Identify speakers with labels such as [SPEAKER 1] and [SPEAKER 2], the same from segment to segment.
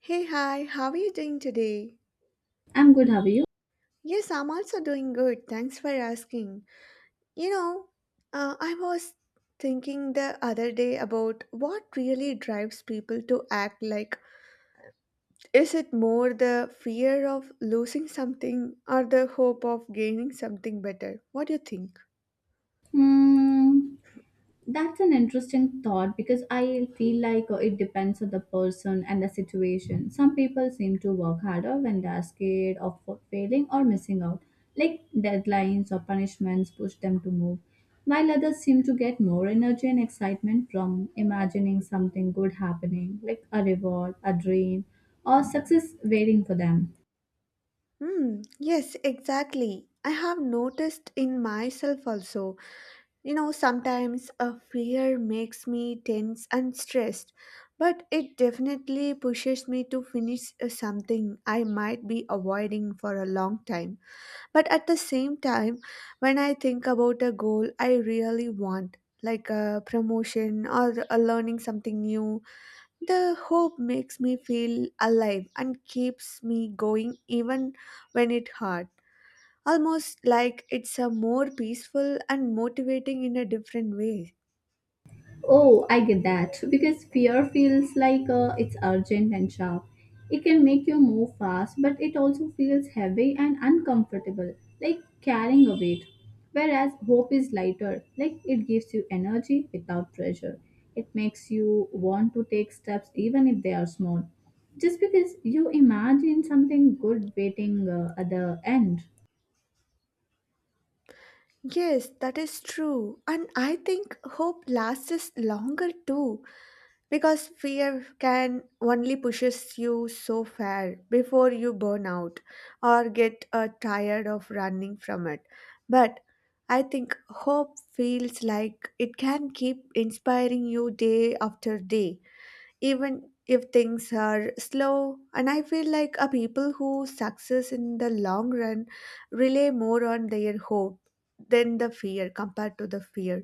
[SPEAKER 1] Hey, hi, how are you doing today?
[SPEAKER 2] I'm good. How are you?
[SPEAKER 1] Yes, I'm also doing good. Thanks for asking. You know, I was thinking the other day about what really drives people to act like. Is it more the fear of losing something or the hope of gaining something better? What do you think?
[SPEAKER 2] Hmm, that's an interesting thought because I feel like it depends on the person and the situation. Some people seem to work harder when they are scared of failing or missing out, like deadlines or punishments push them to move, while others seem to get more energy and excitement from imagining something good happening, like a reward, a dream, or success waiting for them.
[SPEAKER 1] Hmm, yes, exactly. I have noticed in myself also. You know, sometimes a fear makes me tense and stressed, but it definitely pushes me to finish something I might be avoiding for a long time. But at the same time, when I think about a goal I really want, like a promotion or a learning something new, the hope makes me feel alive and keeps me going even when it hurts almost like it's a more peaceful and motivating in a different way.
[SPEAKER 2] Oh, I get that. Because fear feels like it's urgent and sharp. It can make you move fast, but it also feels heavy and uncomfortable, like carrying a weight. Whereas hope is lighter, like it gives you energy without pressure. It makes you want to take steps even if they are small. Just because you imagine something good waiting at the end.
[SPEAKER 1] Yes, that is true. And I think hope lasts us longer too because fear can only pushes you so far before you burn out or get tired of running from it. But I think hope feels like it can keep inspiring you day after day even if things are slow and I feel like a people who success in the long run rely more on their hope than the fear compared to the fear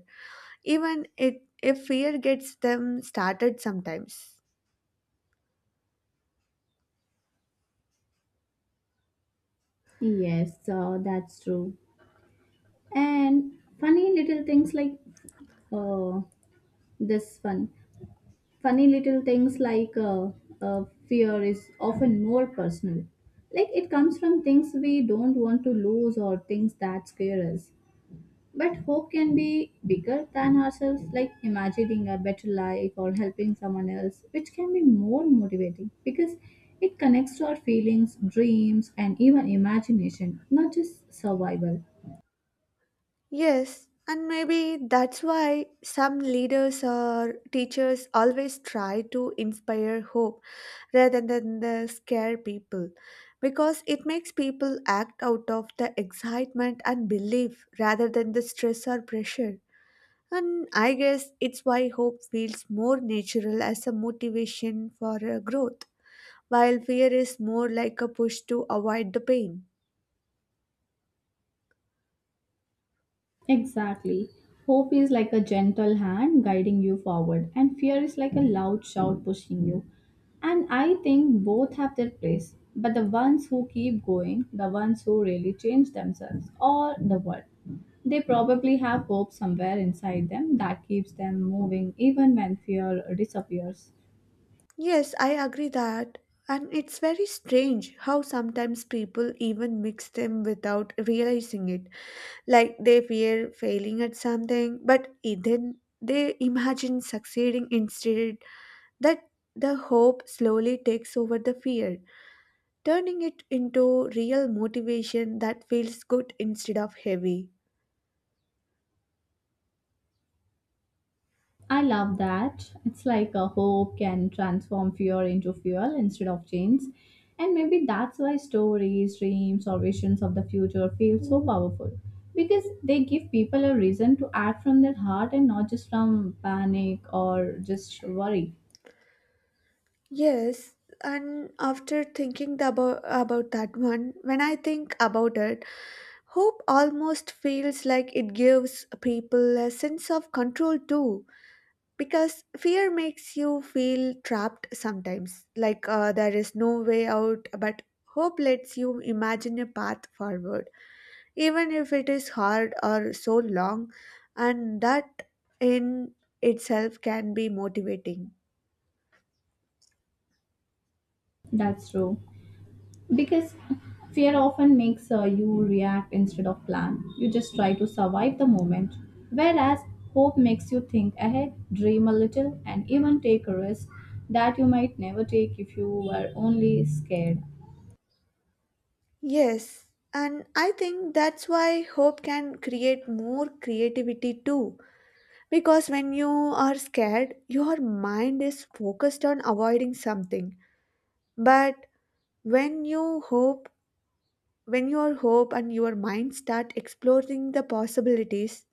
[SPEAKER 1] even it if fear gets them started sometimes.
[SPEAKER 2] Yes, that's true. And funny little things like uh, this one. Funny little things like fear is often more personal. Like it comes from things we don't want to lose or things that scare us. But hope can be bigger than ourselves, like imagining a better life or helping someone else, which can be more motivating because it connects to our feelings, dreams, and even imagination, not just survival.
[SPEAKER 1] Yes, and maybe that's why some leaders or teachers always try to inspire hope rather than the scare people because it makes people act out of the excitement and belief rather than the stress or pressure. And I guess it's why hope feels more natural as a motivation for growth, while fear is more like a push to avoid the pain.
[SPEAKER 2] Exactly. Hope is like a gentle hand guiding you forward, and fear is like a loud shout pushing you. And I think both have their place. But the ones who keep going, the ones who really change themselves or the world, they probably have hope somewhere inside them that keeps them moving even when fear disappears.
[SPEAKER 1] Yes, I agree that. And it's very strange how sometimes people even mix them without realizing it. Like they fear failing at something, but then they imagine succeeding instead. That the hope slowly takes over the fear, turning it into real motivation that feels good instead of heavy.
[SPEAKER 2] I love that. It's like a hope can transform fear into fuel instead of chains. And maybe that's why stories, dreams, or visions of the future feel so powerful. Because they give people a reason to act from their heart and not just from panic or just worry.
[SPEAKER 1] Yes, and after thinking the about that one, when I think about it, hope almost feels like it gives people a sense of control too, because fear makes you feel trapped sometimes, like there is no way out, but hope lets you imagine a path forward, even if it is hard or so long, and that in itself can be motivating.
[SPEAKER 2] That's true. Because fear often makes you react instead of plan. You just try to survive the moment, whereas hope makes you think ahead, dream a little, and even take a risk that you might never take if you were only scared.
[SPEAKER 1] Yes, and I think that's why hope can create more creativity too. Because when you are scared, your mind is focused on avoiding something. But when you hope, when your hope and your mind start exploring the possibilities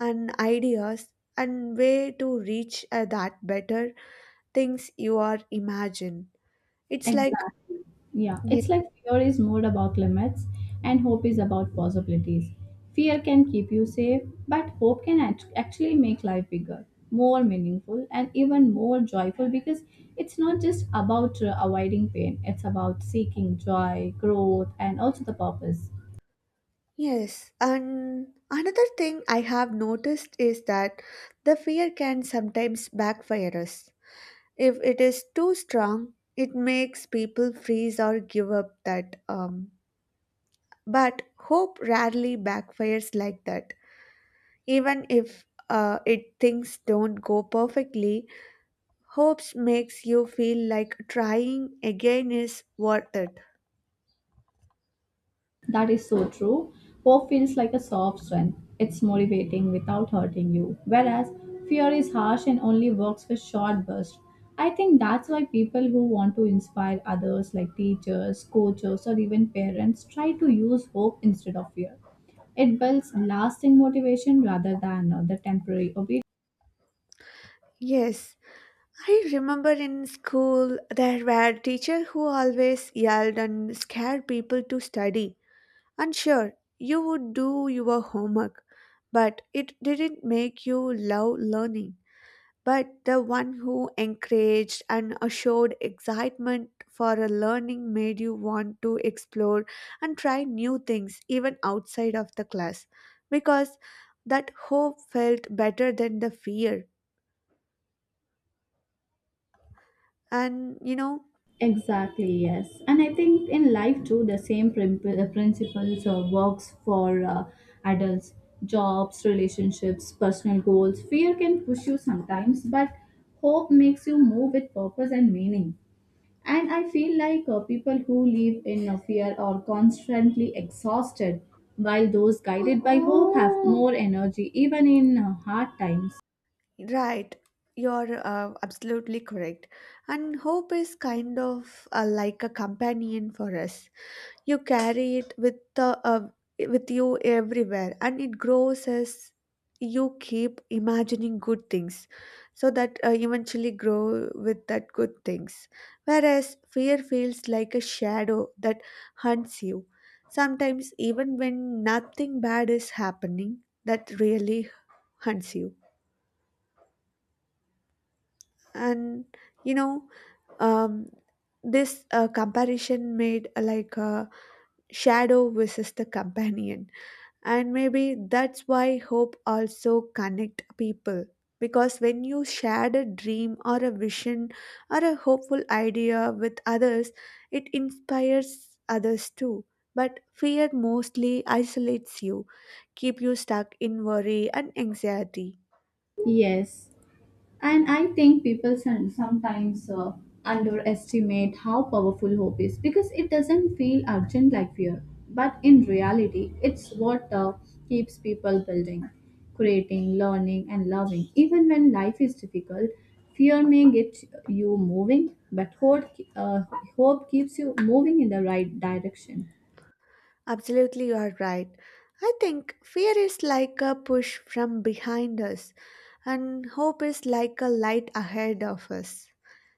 [SPEAKER 1] and ideas and way to reach that better things you are imagine, it's like.
[SPEAKER 2] Exactly. Yeah. It's like fear is more about limits and hope is about possibilities. Fear can keep you safe, but hope can actually make life bigger, more meaningful, and even more joyful because it's not just about avoiding pain, it's about seeking joy, growth, and also the purpose.
[SPEAKER 1] Yes, and another thing I have noticed is that the fear can sometimes backfire us. If it is too strong, it makes people freeze or give up that but hope rarely backfires like that. Even if it things don't go perfectly, hopes makes you feel like trying again is worth it.
[SPEAKER 2] That is so true. Hope feels like a soft strength. It's motivating without hurting you. Whereas fear is harsh and only works for short bursts. I think that's why people who want to inspire others, like teachers, coaches, or even parents, try to use hope instead of fear. It builds lasting motivation rather than the temporary obedience.
[SPEAKER 1] Yes, I remember in school there were teachers who always yelled and scared people to study. And sure, you would do your homework, but it didn't make you love learning. But the one who encouraged and showed excitement for a learning made you want to explore and try new things even outside of the class because that hope felt better than the fear. And you know,
[SPEAKER 2] Exactly, yes. And I think in life too, the same principles works for adults, jobs, relationships, personal goals. Fear can push you sometimes, but hope makes you move with purpose and meaning. And I feel like people who live in fear are constantly exhausted, while those guided by hope have more energy, even in hard times.
[SPEAKER 1] right, you're absolutely correct. And hope is kind of like a companion for us. You carry it with with you everywhere, and it grows as you keep imagining good things, so that eventually grow with that good things. Whereas fear feels like a shadow that hunts you. Sometimes, even when nothing bad is happening, that really hunts you and you know um, this comparison made like a shadow versus the companion, and maybe that's why hope also connect people because when you share a dream or a vision or a hopeful idea with others it inspires others too, but fear mostly isolates you, keep you stuck in worry and anxiety.
[SPEAKER 2] Yes. And I think people sometimes underestimate how powerful hope is because it doesn't feel urgent like fear. But in reality, it's what keeps people building, creating, learning, and loving. Even when life is difficult, fear may get you moving, but uh, hope keeps you moving in the right direction.
[SPEAKER 1] Absolutely, you are right. I think fear is like a push from behind us, and hope is like a light ahead of us.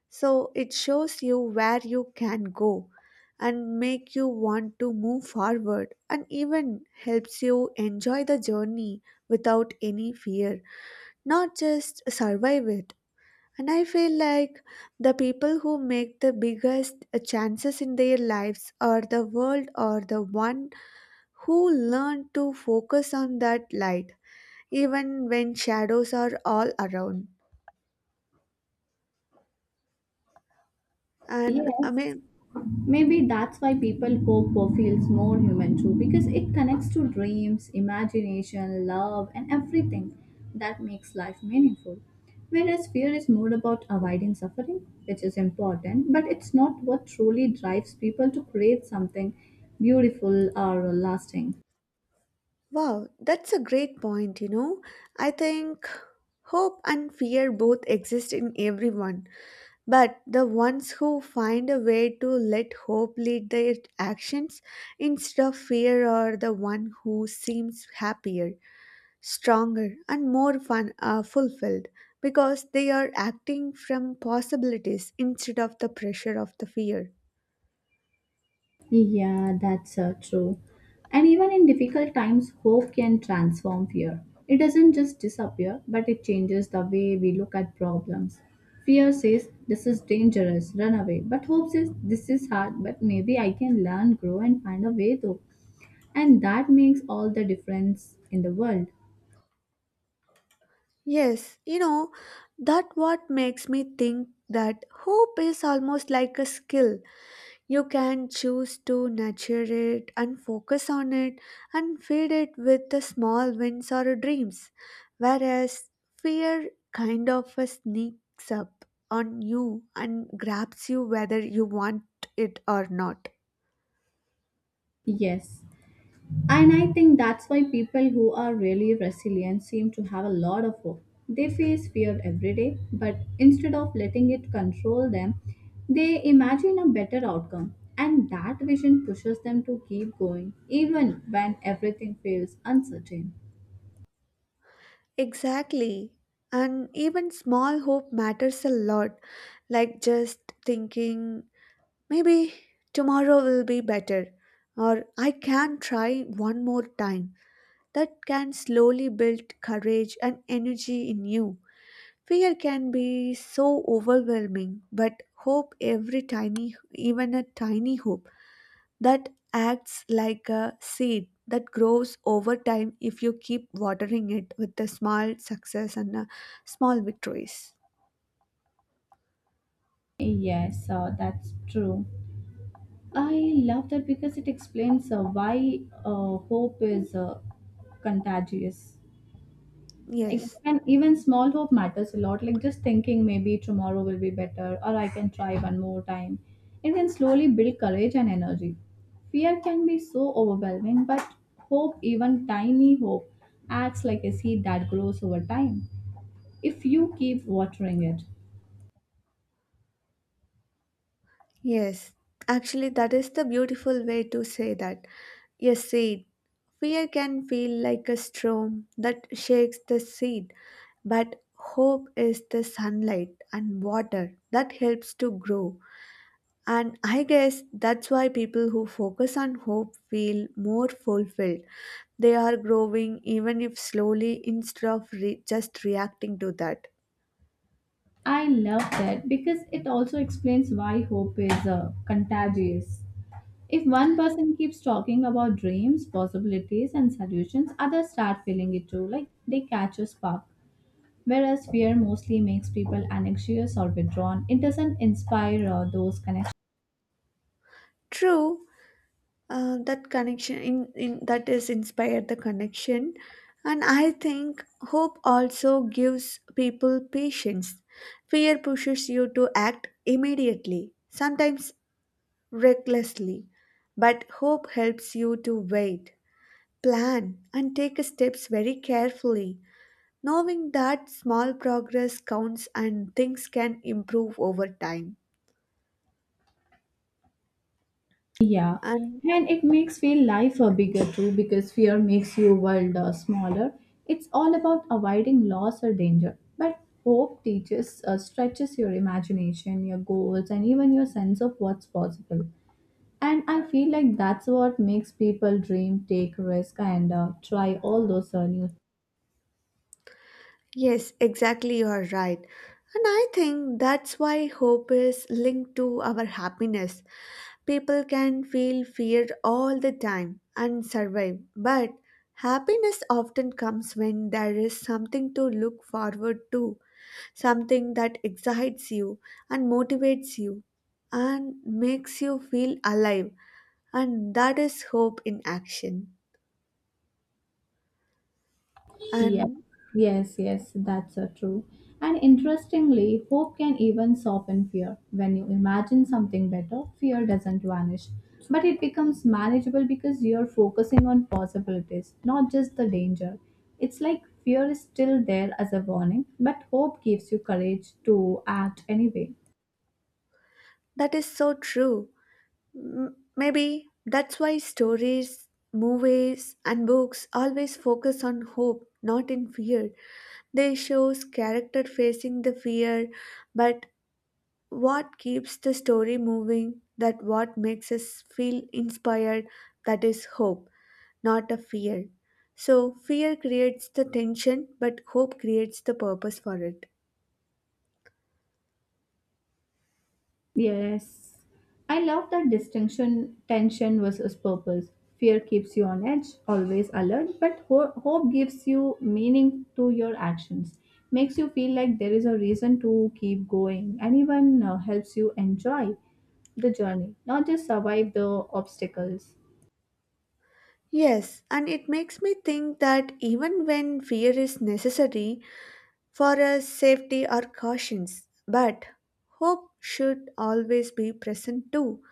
[SPEAKER 1] So it shows you where you can go and make you want to move forward and even helps you enjoy the journey without any fear, not just survive it. And I feel like the people who make the biggest chances in their lives or the world or the one who learn to focus on that light even when shadows are all around. And I
[SPEAKER 2] Yes.
[SPEAKER 1] mean,
[SPEAKER 2] Maybe that's why people hope for feels more human too, because it connects to dreams, imagination, love, and everything that makes life meaningful. Whereas fear is more about avoiding suffering, which is important, but it's not what truly drives people to create something beautiful or lasting.
[SPEAKER 1] wow, that's a great point, you know. I think hope and fear both exist in everyone, but the ones who find a way to let hope lead their actions instead of fear are the one who seems happier, stronger and more fun are fulfilled because they are acting from possibilities instead of the pressure of the fear.
[SPEAKER 2] Yeah, that's true. And even in difficult times, hope can transform fear. It doesn't just disappear, but it changes the way we look at problems. Fear says, this is dangerous, run away. But hope says, this is hard, but maybe I can learn, grow, and find a way through. And that makes all the difference in the world.
[SPEAKER 1] Yes, you know, that what makes me think that hope is almost like a skill. You can choose to nurture it and focus on it and feed it with the small wins or dreams, whereas fear kind of a sneaks up on you and grabs you whether you want it or not.
[SPEAKER 2] Yes. And I think that's why people who are really resilient seem to have a lot of hope. They face fear every day, but instead of letting it control them, they imagine a better outcome. And that vision pushes them to keep going, even when everything feels uncertain.
[SPEAKER 1] Exactly. And even small hope matters a lot, like just thinking, maybe tomorrow will be better, or I can try one more time. That can slowly build courage and energy in you. Fear can be so overwhelming, but hope every tiny, even a tiny hope, that acts like a seed that grows over time if you keep watering it with the small success and small victories.
[SPEAKER 2] Yes, that's true. I love that because it explains why hope is contagious.
[SPEAKER 1] Yes,
[SPEAKER 2] And even small hope matters a lot, like just thinking maybe tomorrow will be better or I can try one more time. It can slowly build courage and energy. Fear can be so overwhelming, but hope, even tiny hope, acts like a seed that grows over time if you keep watering it.
[SPEAKER 1] yes. Actually, that is the beautiful way to say that. Yes, seed. Fear can feel like a storm that shakes the seed, but hope is the sunlight and water that helps to grow. And I guess that's why people who focus on hope feel more fulfilled. They are growing even if slowly instead of just reacting to that.
[SPEAKER 2] I love that because it also explains why hope is contagious. If one person keeps talking about dreams, possibilities, and solutions, others start feeling it too, like they catch a spark. Whereas fear mostly makes people anxious or withdrawn, it doesn't inspire those connections.
[SPEAKER 1] True, that connection in that is inspired the connection. And I think hope also gives people patience. Fear pushes you to act immediately. Sometimes recklessly, but hope helps you to wait, plan, and take steps very carefully, knowing that small progress counts and things can improve over time.
[SPEAKER 2] Yeah,
[SPEAKER 1] And
[SPEAKER 2] and it makes feel life bigger too because fear makes your world smaller. It's all about avoiding loss or danger. But hope stretches your imagination, your goals, and even your sense of what's possible. And I feel like that's what makes people dream, take risk, and try all those new.
[SPEAKER 1] yes, exactly, you are right. And I think that's why hope is linked to our happiness. People can feel fear all the time and survive, but happiness often comes when there is something to look forward to, something that excites you and motivates you and makes you feel alive. And that is hope in action.
[SPEAKER 2] Yeah.
[SPEAKER 1] And
[SPEAKER 2] Yes, yes, that's true. And interestingly, hope can even soften fear. When you imagine something better, fear doesn't vanish, but it becomes manageable because you're focusing on possibilities, not just the danger. It's like fear is still there as a warning, but hope gives you courage to act anyway.
[SPEAKER 1] that is so true. Maybe that's why stories, movies, and books always focus on hope, not in fear. They shows character facing the fear, but what keeps the story moving, that what makes us feel inspired, that is hope. Not a fear. So, fear creates the tension, but hope creates the purpose for it.
[SPEAKER 2] Yes. I love that distinction. Tension versus purpose. Fear keeps you on edge, always alert, but hope gives you meaning to your actions. Makes you feel like there is a reason to keep going and even helps you enjoy the journey, not just survive the obstacles.
[SPEAKER 1] Yes, and it makes me think that even when fear is necessary for us safety or cautions, but hope should always be present too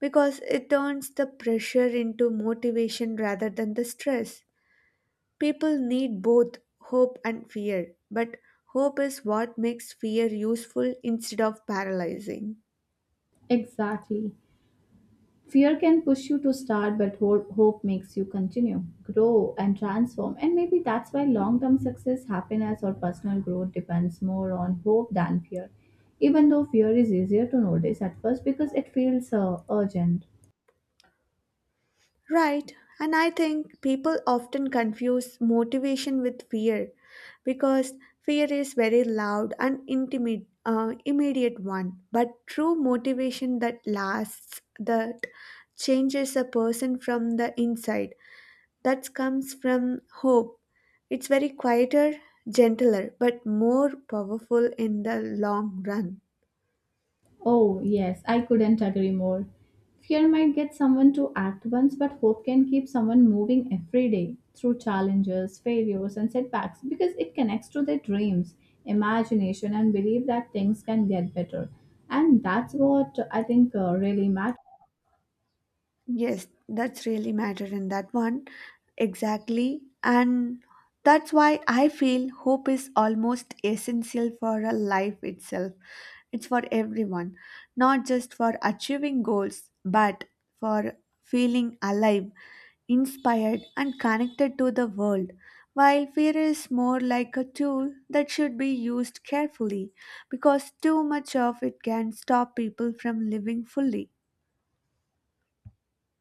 [SPEAKER 1] because it turns the pressure into motivation rather than the stress. People need both hope and fear, but hope is what makes fear useful instead of paralyzing.
[SPEAKER 2] Exactly. Fear can push you to start, but hope makes you continue, grow, and transform. And maybe that's why long term success, happiness, or personal growth depends more on hope than fear. Even though fear is easier to notice at first because it feels urgent.
[SPEAKER 1] Right, and I think people often confuse motivation with fear because fear is very loud and immediate one, but true motivation that lasts, that changes a person from the inside, that comes from hope. It's very quieter, gentler, but more powerful in the long run.
[SPEAKER 2] Oh, yes, I couldn't agree more. Fear might get someone to act once, but hope can keep someone moving every day through challenges, failures, and setbacks because it connects to their dreams, imagination, and belief that things can get better. And that's what I think really matters.
[SPEAKER 1] Yes, that's really matter in that one. Exactly. And that's why I feel hope is almost essential for a life itself. It's for everyone, not just for achieving goals, but for feeling alive, inspired, and connected to the world. While fear is more like a tool that should be used carefully because too much of it can stop people from living fully.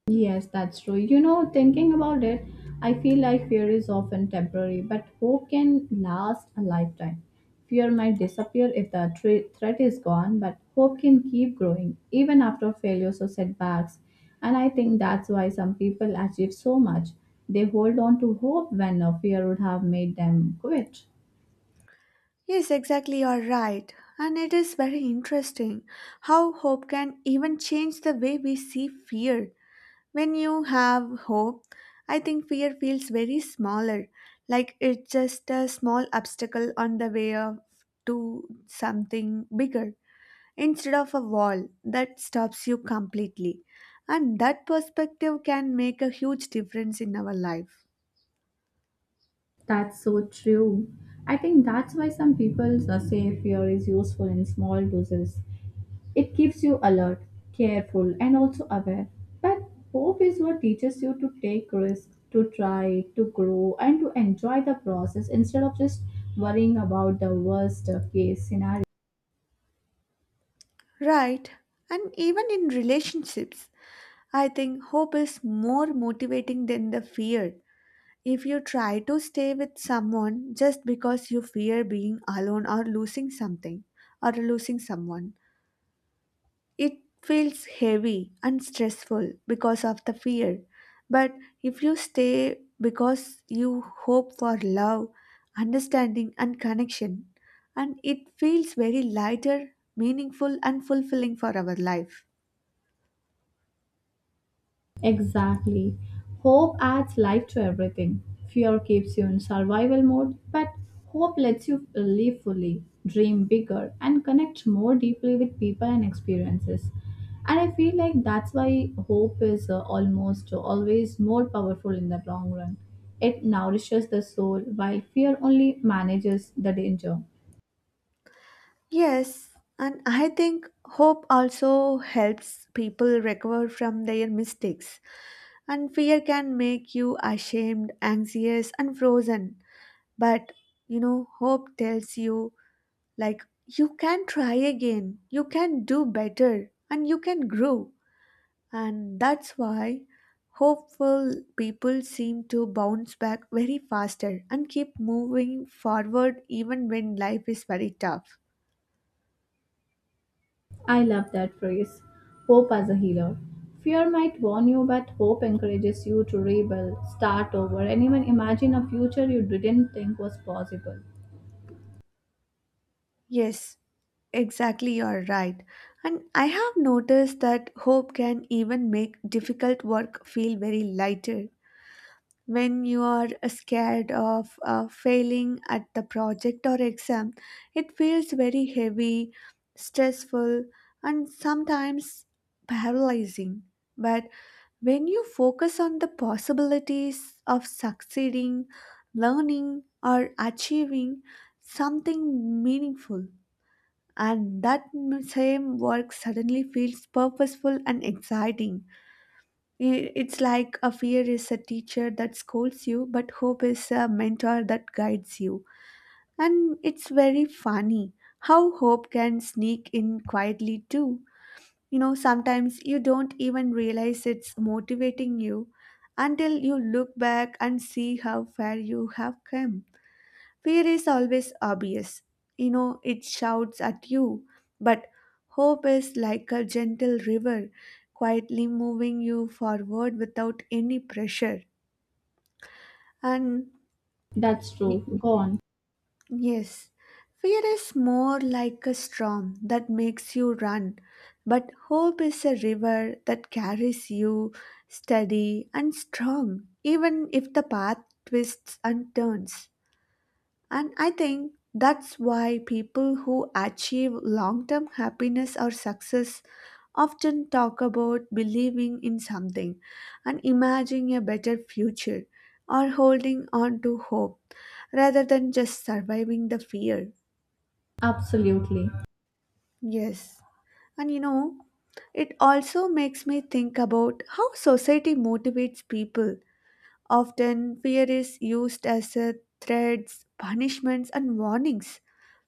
[SPEAKER 2] Yes, that's true. You know, thinking about it, I feel like fear is often temporary, but hope can last a lifetime. Fear might disappear if the threat is gone, but hope can keep growing even after failures or setbacks. And I think that's why some people achieve so much. They hold on to hope when a fear would have made them quit.
[SPEAKER 1] Yes, exactly, you are right. And it is very interesting how hope can even change the way we see fear. When you have hope, I think fear feels very smaller, like it's just a small obstacle on the way of to something bigger instead of a wall that stops you completely. And that perspective can make a huge difference in our life.
[SPEAKER 2] That's so true. I think that's why some people say fear is useful in small doses. It keeps you alert, careful, and also aware. But hope is what teaches you to take risks, to try, to grow, and to enjoy the process instead of just worrying about the worst case scenario.
[SPEAKER 1] Right. And even in relationships, I think hope is more motivating than the fear. If you try to stay with someone just because you fear being alone or losing something or losing someone, it feels heavy and stressful because of the fear. But if you stay because you hope for love, understanding, and connection, and it feels very lighter, meaningful, and fulfilling for our life.
[SPEAKER 2] Exactly. Hope adds life to everything. Fear keeps you in survival mode, but hope lets you live fully, dream bigger, and connect more deeply with people and experiences. And I feel like that's why hope is almost always more powerful in the long run. It nourishes the soul, while fear only manages the danger.
[SPEAKER 1] Yes, and I think hope also helps people recover from their mistakes. And fear can make you ashamed, anxious, and frozen. But you know, hope tells you, like, you can try again, you can do better, and you can grow. And that's why hopeful people seem to bounce back very faster and keep moving forward even when life is very tough.
[SPEAKER 2] I love that phrase. Hope as a healer. Fear might warn you, but hope encourages you to rebel, start over, and even imagine a future you didn't think was possible.
[SPEAKER 1] Yes, exactly, you're right. And I have noticed that hope can even make difficult work feel very lighter. When you are scared of failing at the project or exam, it feels very heavy, stressful, and sometimes paralyzing. But when you focus on the possibilities of succeeding, learning, or achieving something meaningful, and that same work suddenly feels purposeful and exciting. It's like a fear is a teacher that scolds you, but hope is a mentor that guides you. And it's very funny how hope can sneak in quietly too. You know, sometimes you don't even realize it's motivating you until you look back and see how far you have come. Fear is always obvious. You know, it shouts at you. But hope is like a gentle river, quietly moving you forward without any pressure. And
[SPEAKER 2] That's
[SPEAKER 1] y-
[SPEAKER 2] true. Gone.
[SPEAKER 1] yes, fear is more like a storm that makes you run. But hope is a river that carries you steady and strong, even if the path twists and turns. And I think that's why people who achieve long term happiness or success often talk about believing in something and imagining a better future or holding on to hope rather than just surviving the fear.
[SPEAKER 2] Absolutely.
[SPEAKER 1] Yes. And you know, it also makes me think about how society motivates people. Often, fear is used as a threats, punishments, and warnings,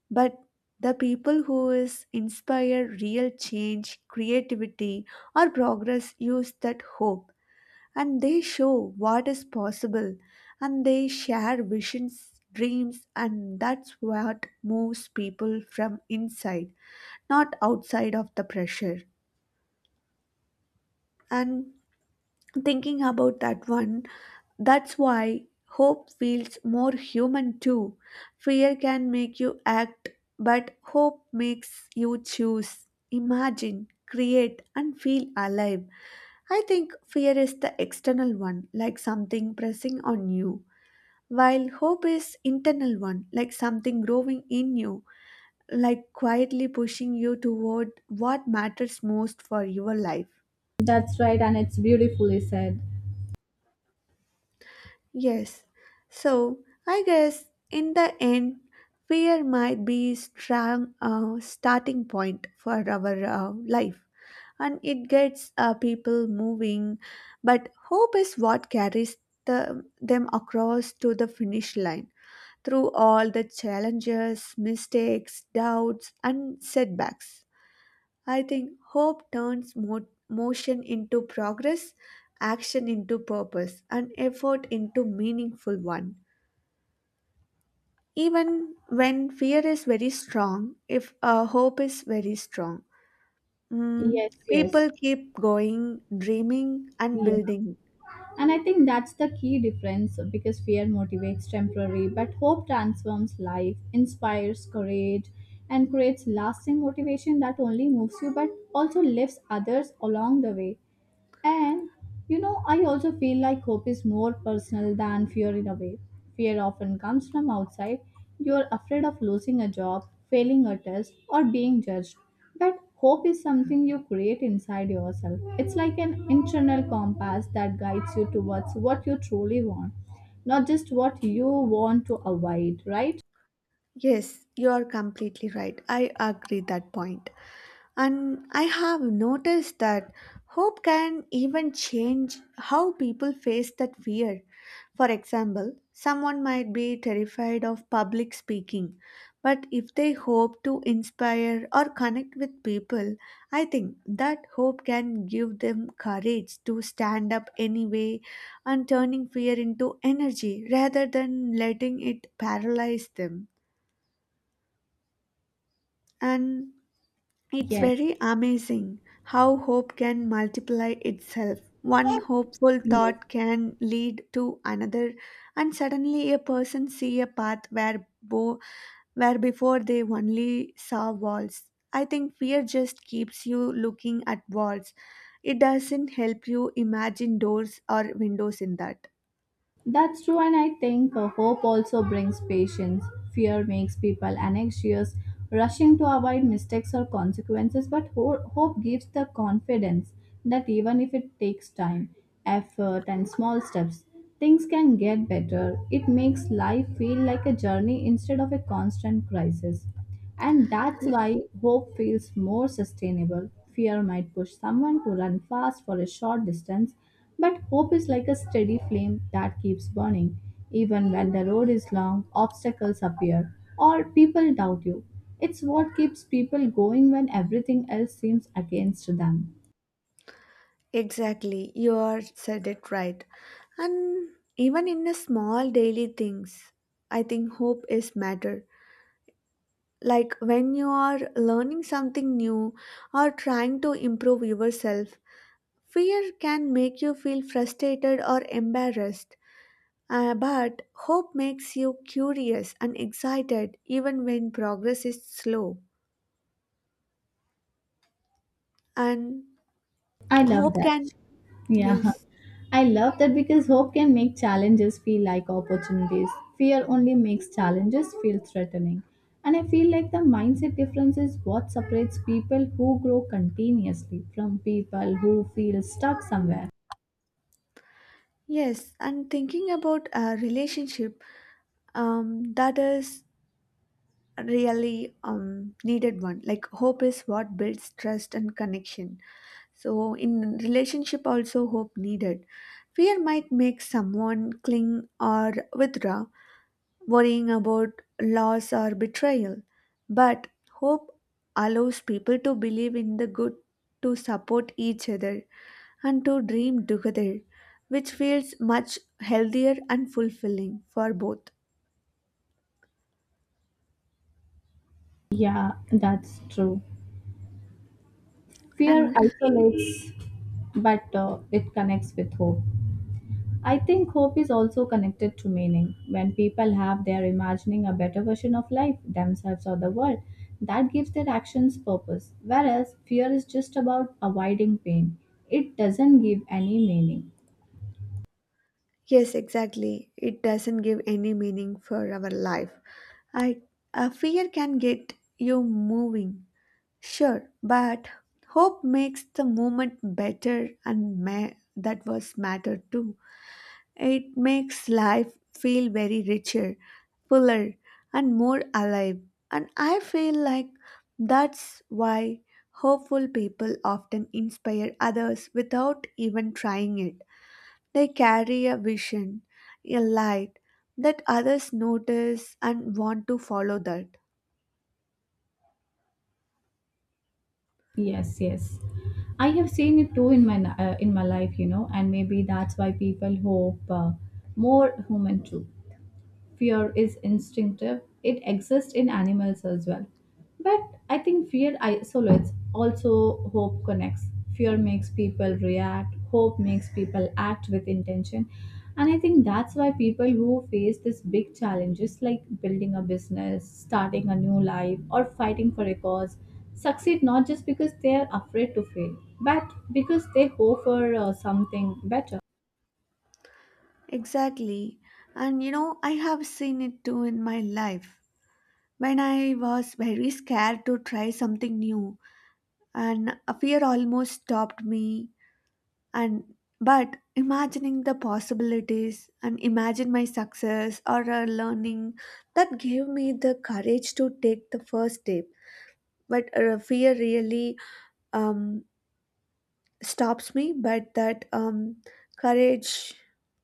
[SPEAKER 1] but the people who is inspire real change creativity or progress use that hope, and they show what is possible, and they share visions dreams, and that's what moves people from inside, not outside of the pressure. And thinking about that one, that's why hope feels more human too. Fear can make you act, but hope makes you choose, imagine, create, and feel alive. I think fear is the external one, like something pressing on you, while hope is internal one, like something growing in you, like quietly pushing you toward what matters most for your life.
[SPEAKER 2] That's right, and it's beautifully said.
[SPEAKER 1] Yes. So I guess in the end, fear might be strong starting point for our life, and it gets people moving. But hope is what carries the, them across to the finish line through all the challenges, mistakes, doubts, and setbacks. I think hope turns motion into progress, action into purpose, and effort into meaningful one. Even when fear is very strong, if hope is very strong, mm,
[SPEAKER 2] Yes, yes,
[SPEAKER 1] people keep going, dreaming, and
[SPEAKER 2] yes.
[SPEAKER 1] building.
[SPEAKER 2] And I think that's the key difference because fear motivates temporary, but hope transforms life, inspires courage, and creates lasting motivation that only moves you but also lifts others along the way. And you know, I also feel like hope is more personal than fear in a way. Fear often comes from outside. You're afraid of losing a job, failing a test, or being judged. But hope is something you create inside yourself. It's like an internal compass that guides you towards what you truly want, not just what you want to avoid, right?
[SPEAKER 1] Yes, you are completely right. I agree that point. And I have noticed that hope can even change how people face that fear. For example, someone might be terrified of public speaking, but if they hope to inspire or connect with people, I think that hope can give them courage to stand up anyway and turning fear into energy rather than letting it paralyze them. And it's
[SPEAKER 2] Yes.
[SPEAKER 1] very amazing how hope can multiply itself. One hopeful
[SPEAKER 2] Yes.
[SPEAKER 1] thought can lead to another, and suddenly a person see a path where where before they only saw walls. I think fear just keeps you looking at walls. It doesn't help you imagine doors or windows in that.
[SPEAKER 2] That's true, and I think hope also brings patience. Fear makes people anxious, rushing to avoid mistakes or consequences, but hope gives the confidence that even if it takes time, effort, and small steps, things can get better. It makes life feel like a journey instead of a constant crisis. And that's
[SPEAKER 1] Y-
[SPEAKER 2] why hope feels more sustainable. Fear might push someone to run fast for a short distance, but hope is like a steady flame that keeps burning. Even when the road is long, obstacles appear, or people doubt you. It's what keeps people going when everything else seems against them.
[SPEAKER 1] Exactly, you are said it right. And even in the small daily things, I think hope is matter, like when you are learning something new or trying to improve yourself, fear can make you feel frustrated or embarrassed. But hope makes you curious and excited even when progress is slow, and
[SPEAKER 2] I love
[SPEAKER 1] hope can,
[SPEAKER 2] that. Yeah.
[SPEAKER 1] yes,
[SPEAKER 2] I love that because hope can make challenges feel like opportunities. Fear only makes challenges feel threatening. And I feel like the mindset difference is what separates people who grow continuously from people who feel stuck somewhere.
[SPEAKER 1] yes, and thinking about a relationship, um, that is really needed one, like hope is what builds trust and connection. So in relationship also hope needed. Fear might make someone cling or withdraw, worrying about loss or betrayal, but hope allows people to believe in the good, to support each other, and to dream together, which feels much healthier and fulfilling for both.
[SPEAKER 2] Yeah, that's true. Fear
[SPEAKER 1] And
[SPEAKER 2] isolates, but it connects with hope. I think hope is also connected to meaning. When people have their imagining a better version of life, themselves or the world, that gives their actions purpose. Whereas fear is just about avoiding pain, it doesn't give any meaning.
[SPEAKER 1] yes, exactly. It doesn't give any meaning for our life. I, a fear can get you moving. Sure, but hope makes the moment better, and that was matter too. It makes life feel very richer, fuller and more alive. And I feel like that's why hopeful people often inspire others without even trying it. They carry a vision, a light that others notice and want to follow that.
[SPEAKER 2] Yes, yes. I have seen it too in my life, you know, and maybe that's why people hope more human too. Fear is instinctive, it exists in animals as well, but I think fear isolates also, hope connects. Fear makes people react, hope makes people act with intention. And I think that's why people who face these big challenges, like building a business, starting a new life, or fighting for a cause, succeed not just because they are afraid to fail, but because they hope for something better.
[SPEAKER 1] Exactly. And you know, I have seen it too in my life. When I was very scared to try something new, and a fear almost stopped me. And but imagining the possibilities and imagine my success or a learning, that gave me the courage to take the first step. But fear really um, stops me, but that courage,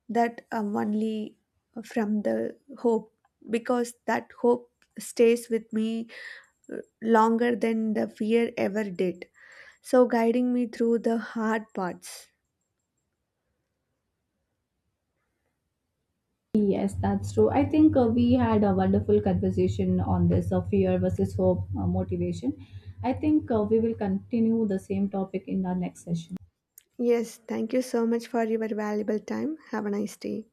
[SPEAKER 1] that only from the hope, because that hope stays with me longer than the fear ever did. So, guiding me through the hard parts.
[SPEAKER 2] Yes, that's true. I think we had a wonderful conversation on this fear versus hope motivation. I think we will continue the same topic in our next session.
[SPEAKER 1] Yes, thank you so much for your valuable time. Have a nice day.